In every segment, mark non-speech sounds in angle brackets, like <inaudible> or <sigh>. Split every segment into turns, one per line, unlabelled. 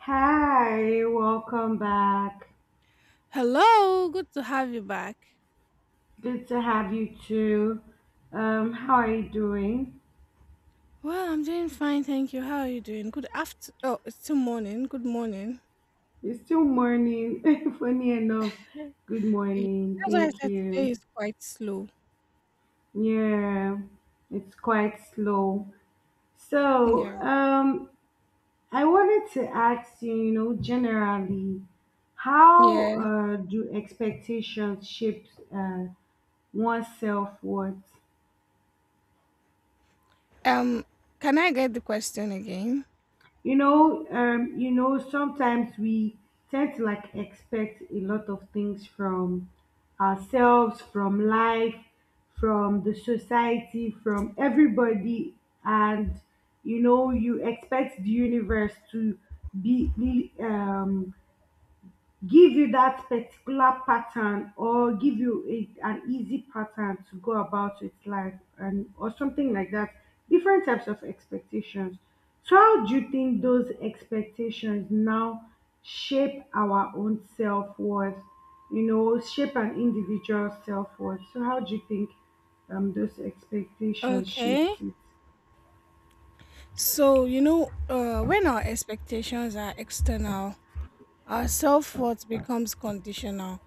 Hi, welcome back.
Hello, good to have you back.
Good to have you too. How are you doing?
Well, I'm doing fine, thank you. How are you doing? Good after. Oh, it's still morning. Good morning.
It's still morning. <laughs> Funny enough. Good
Yeah.
morning.
That's why I
Thank
said today
you.
is quite slow.
Yeah, it's quite slow. So,
Yeah.
um, I wanted to ask you, you know, generally, how
Yeah.
do expectations shape uh, one's self-worth?
Um, can I get the question again?
You know, you know, sometimes we tend to like expect a lot of things from ourselves, from life, from the society, from everybody, and you know, you expect the universe to be give you that particular pattern, or give you an easy pattern to go about with life, and or something like that, different types of expectations. So how do you think those expectations now shape our own self-worth, you know, shape an individual self-worth? So how do you think those expectations shapes
Okay.
it?
So, when our expectations are external, our self worth becomes conditional.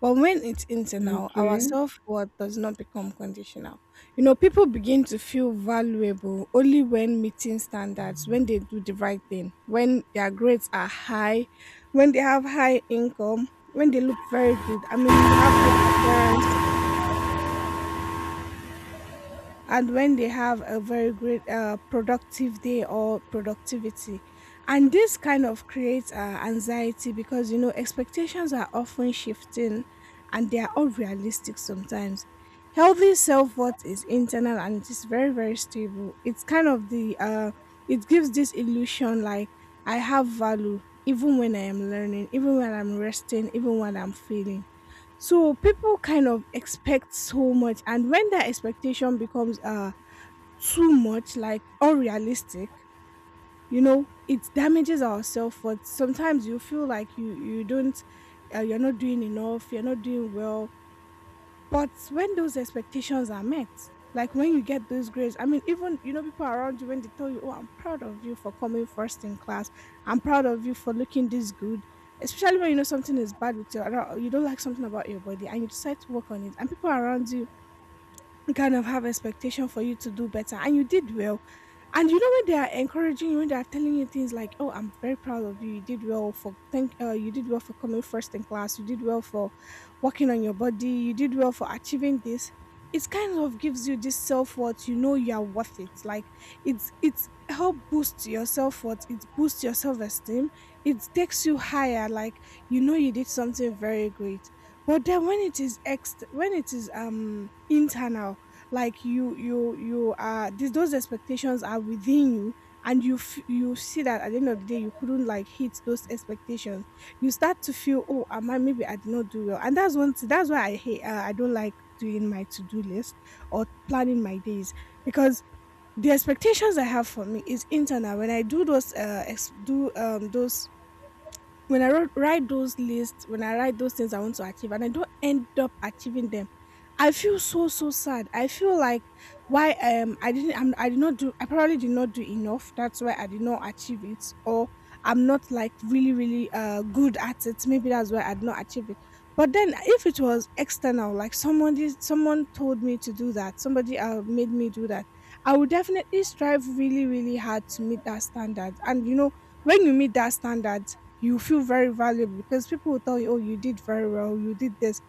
But when it's internal, our
Okay.
self worth does not become conditional. You know, people begin to feel valuable only when meeting standards, when they do the right thing, when their grades are high, when they have high income, when they look very good. I mean, you have good appearance. And when they have a very great productive day or productivity, and this kind of creates anxiety, because you know expectations are often shifting and they are unrealistic sometimes. Healthy self-worth is internal and it is very, very stable. It's kind of the it gives this illusion like I have value even when I am learning, even when I'm resting, even when I'm failing. So people kind of expect so much, and when that expectation becomes too much, like unrealistic, you know, it damages our self worth. Sometimes you feel like you don't, you're not doing enough, you're not doing well, but when those expectations are met, like when you get those grades, I mean, even you know, people around you when they tell you, "Oh, I'm proud of you for coming first in class. I'm proud of you for looking this good." Especially when you know something is bad with your, you don't like something about your body, and you decide to work on it, and people around you kind of have expectation for you to do better, and you did well. And you know when they are encouraging you, when they are telling you things like, "Oh, I'm very proud of you. You did well for thank. You did well for coming first in class. You did well for working on your body. You did well for achieving this." It kind of gives you this self worth. You know you are worth it. Like it's help boost your self worth. It boosts your self esteem. It takes you higher. Like you know you did something very great. But then when it is ex when it is internal, like you are these those expectations are within you, and you you see that at the end of the day you couldn't like hit those expectations. You start to feel, oh, am I, maybe I did not do well. And that's one thing, that's why I hate I don't like doing my to-do list or planning my days, because the expectations I have for me is internal. When I do those ex- do those when I write those lists, when I write those things I want to achieve and I don't end up achieving them, I feel so so sad. I feel like why I did not do, I probably did not do enough. That's why I did not achieve it, or I'm not like really really good at it. Maybe that's why I did not achieve it. But then if it was external, like somebody someone told me to do that, somebody made me do that, I would definitely strive really really hard to meet that standard. And you know when you meet that standard you feel very valuable, because people will tell you, oh, you did very well, you did this.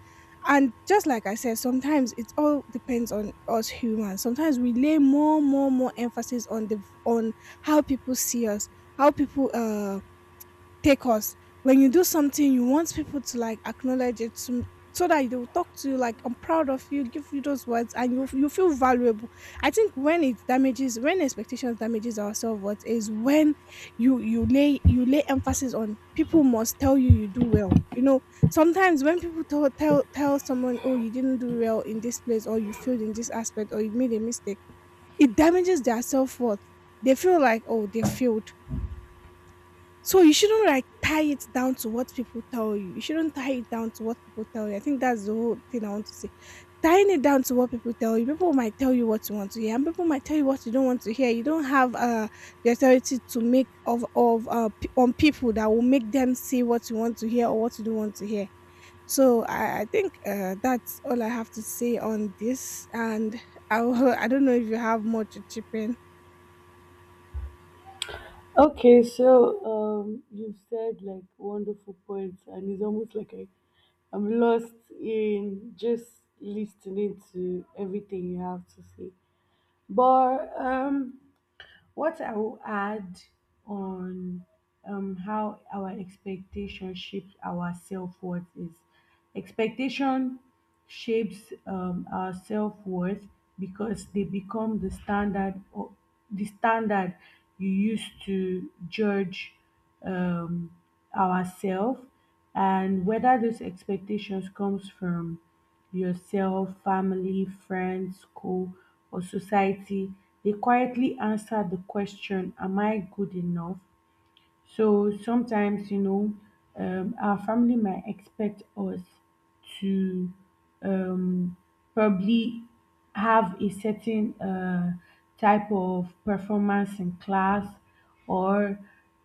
And just like I said, sometimes it all depends on us humans. Sometimes we lay more emphasis on the on how people see us, how people take us. When you do something, you want people to like acknowledge it to, so that they will talk to you like I'm proud of you, give you those words, and you feel valuable. I think when it damages, when expectations damages our self worth, is when you lay emphasis on people must tell you you do well. You know, sometimes when people tell someone, oh, you didn't do well in this place, or you failed in this aspect, or you made a mistake, it damages their self worth. They feel like, oh, they failed. So you shouldn't like tie it down to what people tell you. You shouldn't tie it down to what people tell you. I think that's the whole thing I want to say. Tying it down to what people tell you. People might tell you what you want to hear, and people might tell you what you don't want to hear. You don't have the authority to make of p- on people that will make them say what you want to hear or what you don't want to hear. So I think that's all I have to say on this, and <laughs> I don't know if you have more to chip in.
Okay, so you've said like wonderful points, and it's almost like I'm lost in just listening to everything you have to say. But what I will add on how our expectation shapes our self worth is expectation shapes our self worth because they become the standard, or the standard you use to judge um, ourselves. And whether those expectations comes from yourself, family, friends, school, or society, they quietly answer the question, "Am I good enough?" So sometimes, you know, our family might expect us to um, probably have a certain type of performance in class, or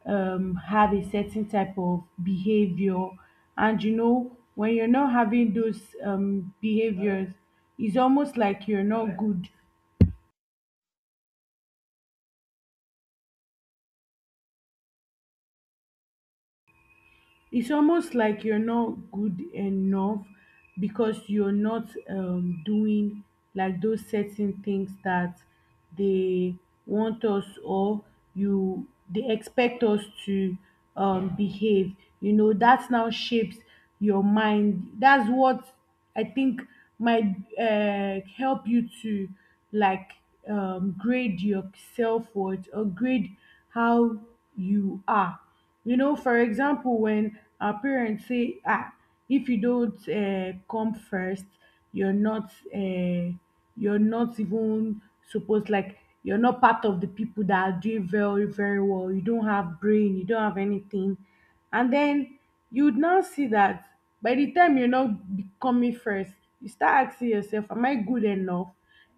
have a certain type of behavior. And you know, when you're not having those behaviors, it's almost like you're not good, it's almost like you're not good enough, because you're not doing like those certain things that they want us, or you, they expect us to behave. You know, that now shapes your mind. That's what I think might help you to like grade your self-worth, or grade how you are. You know, for example, when our parents say, "Ah, if you don't come first, you're not you're not even supposed, like, you're not part of the people that are doing very very well. You don't have brain, you don't have anything." And then you would now see that by the time you're not coming first, you start asking yourself, am I good enough?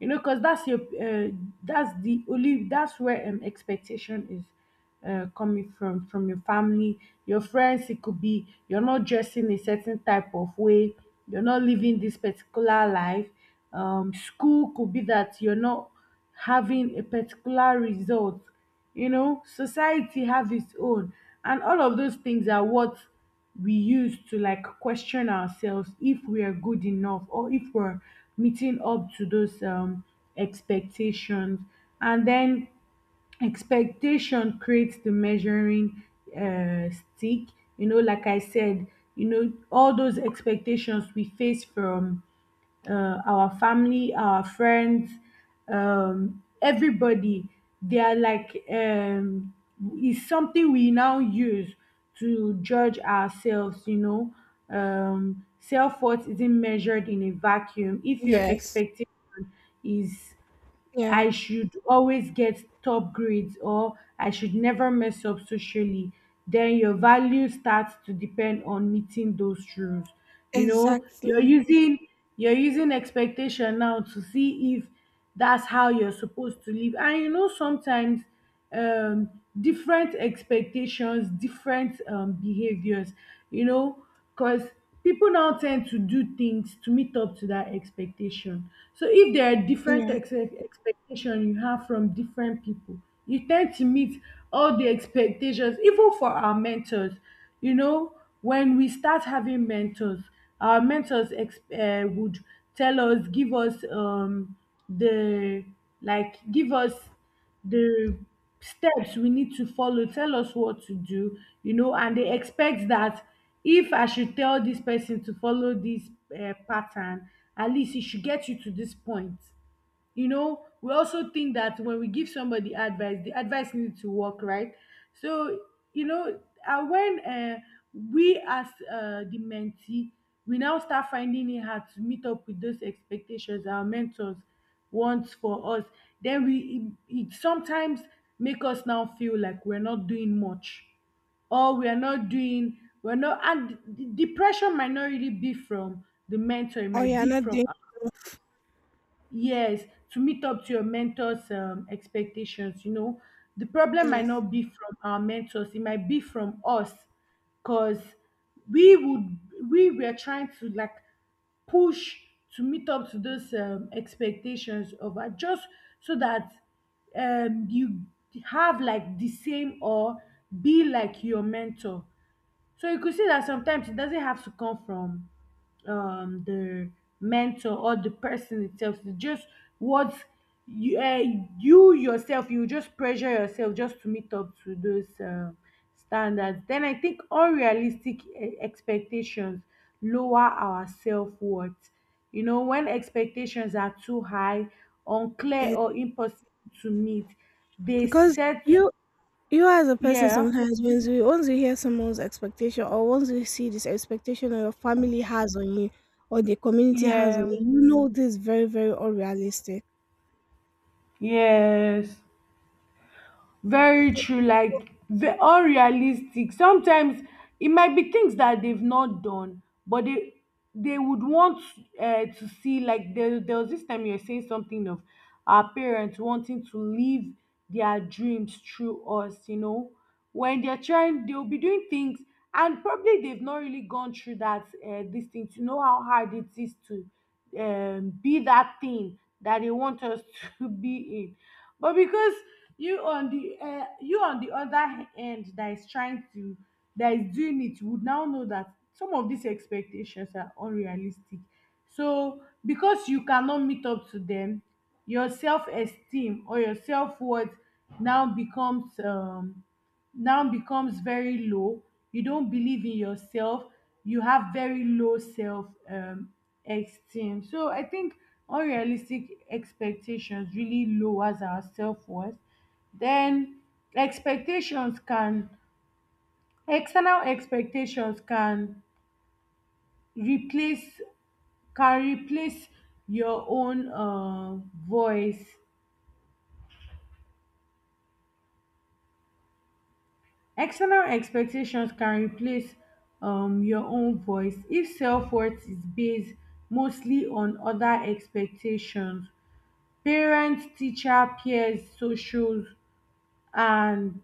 You know, because that's your that's the only, that's where expectation is coming from your family. Your friends, it could be you're not dressing a certain type of way, you're not living this particular life. School could be that you're not having a particular result. You know, society have its own. And all of those things are what we use to like question ourselves if we are good enough, or if we're meeting up to those expectations. And then expectation creates the measuring uh, stick. You know, like I said, you know, all those expectations we face from our family, our friends, everybody, they are like, is something we now use to judge ourselves, you know. Self worth isn't measured in a vacuum. If your
Yes.
expectation is
Yeah.
I should always get top grades, or I should never mess up socially, then your value starts to depend on meeting those rules. You know,
Exactly.
you're using expectation now to see if that's how you're supposed to live. And you know, sometimes um different expectations, different behaviors, you know, because people now tend to do things to meet up to that expectation. So if there are different
Yeah.
ex- expectation you have from different people, you tend to meet all the expectations, even for our mentors. You know, when we start having mentors, our mentors would tell us, give us the, like, give us the steps we need to follow, tell us what to do, you know, and they expect that if I should tell this person to follow this pattern, at least it should get you to this point. You know, we also think that when we give somebody advice, the advice needs to work, right? So you know, when we as the mentee, we now start finding it hard to meet up with those expectations our mentors want for us. Then it sometimes make us now feel like we're not doing much, or we are not doing, we're not. And the pressure might not really be from the mentor, it
Oh
might
yeah.
be
Not.
from, yes, to meet up to your mentor's expectations, you know, the problem might
Yes.
not be from our mentors, it might be from us, because we would, we were trying to like push to meet up to those expectations of us, just so that you have like the same, or be like your mentor. So you could see that sometimes it doesn't have to come from the mentor or the person itself. It's just what you, uh, you yourself, you just pressure yourself just to meet up to those standards. Then I think unrealistic expectations lower our self worth. You know, when expectations are too high, unclear,
It's
or impossible to meet, they
because
set,
you you as a person,
yeah,
sometimes once you hear someone's expectation, or once you see this expectation that your family has on you or the community has on
yeah,
you, you know this very, very unrealistic.
yes. Very true. Like, unrealistic sometimes, it might be things that they've not done, but they would want to see. Like, there was this time you were saying something of our parents wanting to live their dreams through us. You know, when they're trying, they'll be doing things, and probably they've not really gone through that this thing to know how hard it is to be that thing that they want us <laughs> to be in. But because you on the other end that is trying to, that is doing it, you would now know that some of these expectations are unrealistic. So because you cannot meet up to them, your self-esteem or your self-worth now becomes um now becomes very low. You don't believe in yourself, you have very low self esteem. So I think unrealistic expectations really lowers our self-worth. Then expectations can external expectations replace can replace your own voice. External expectations can replace your own voice if selfworth is based mostly on oda expectations, parents, teacher, peers, socials, and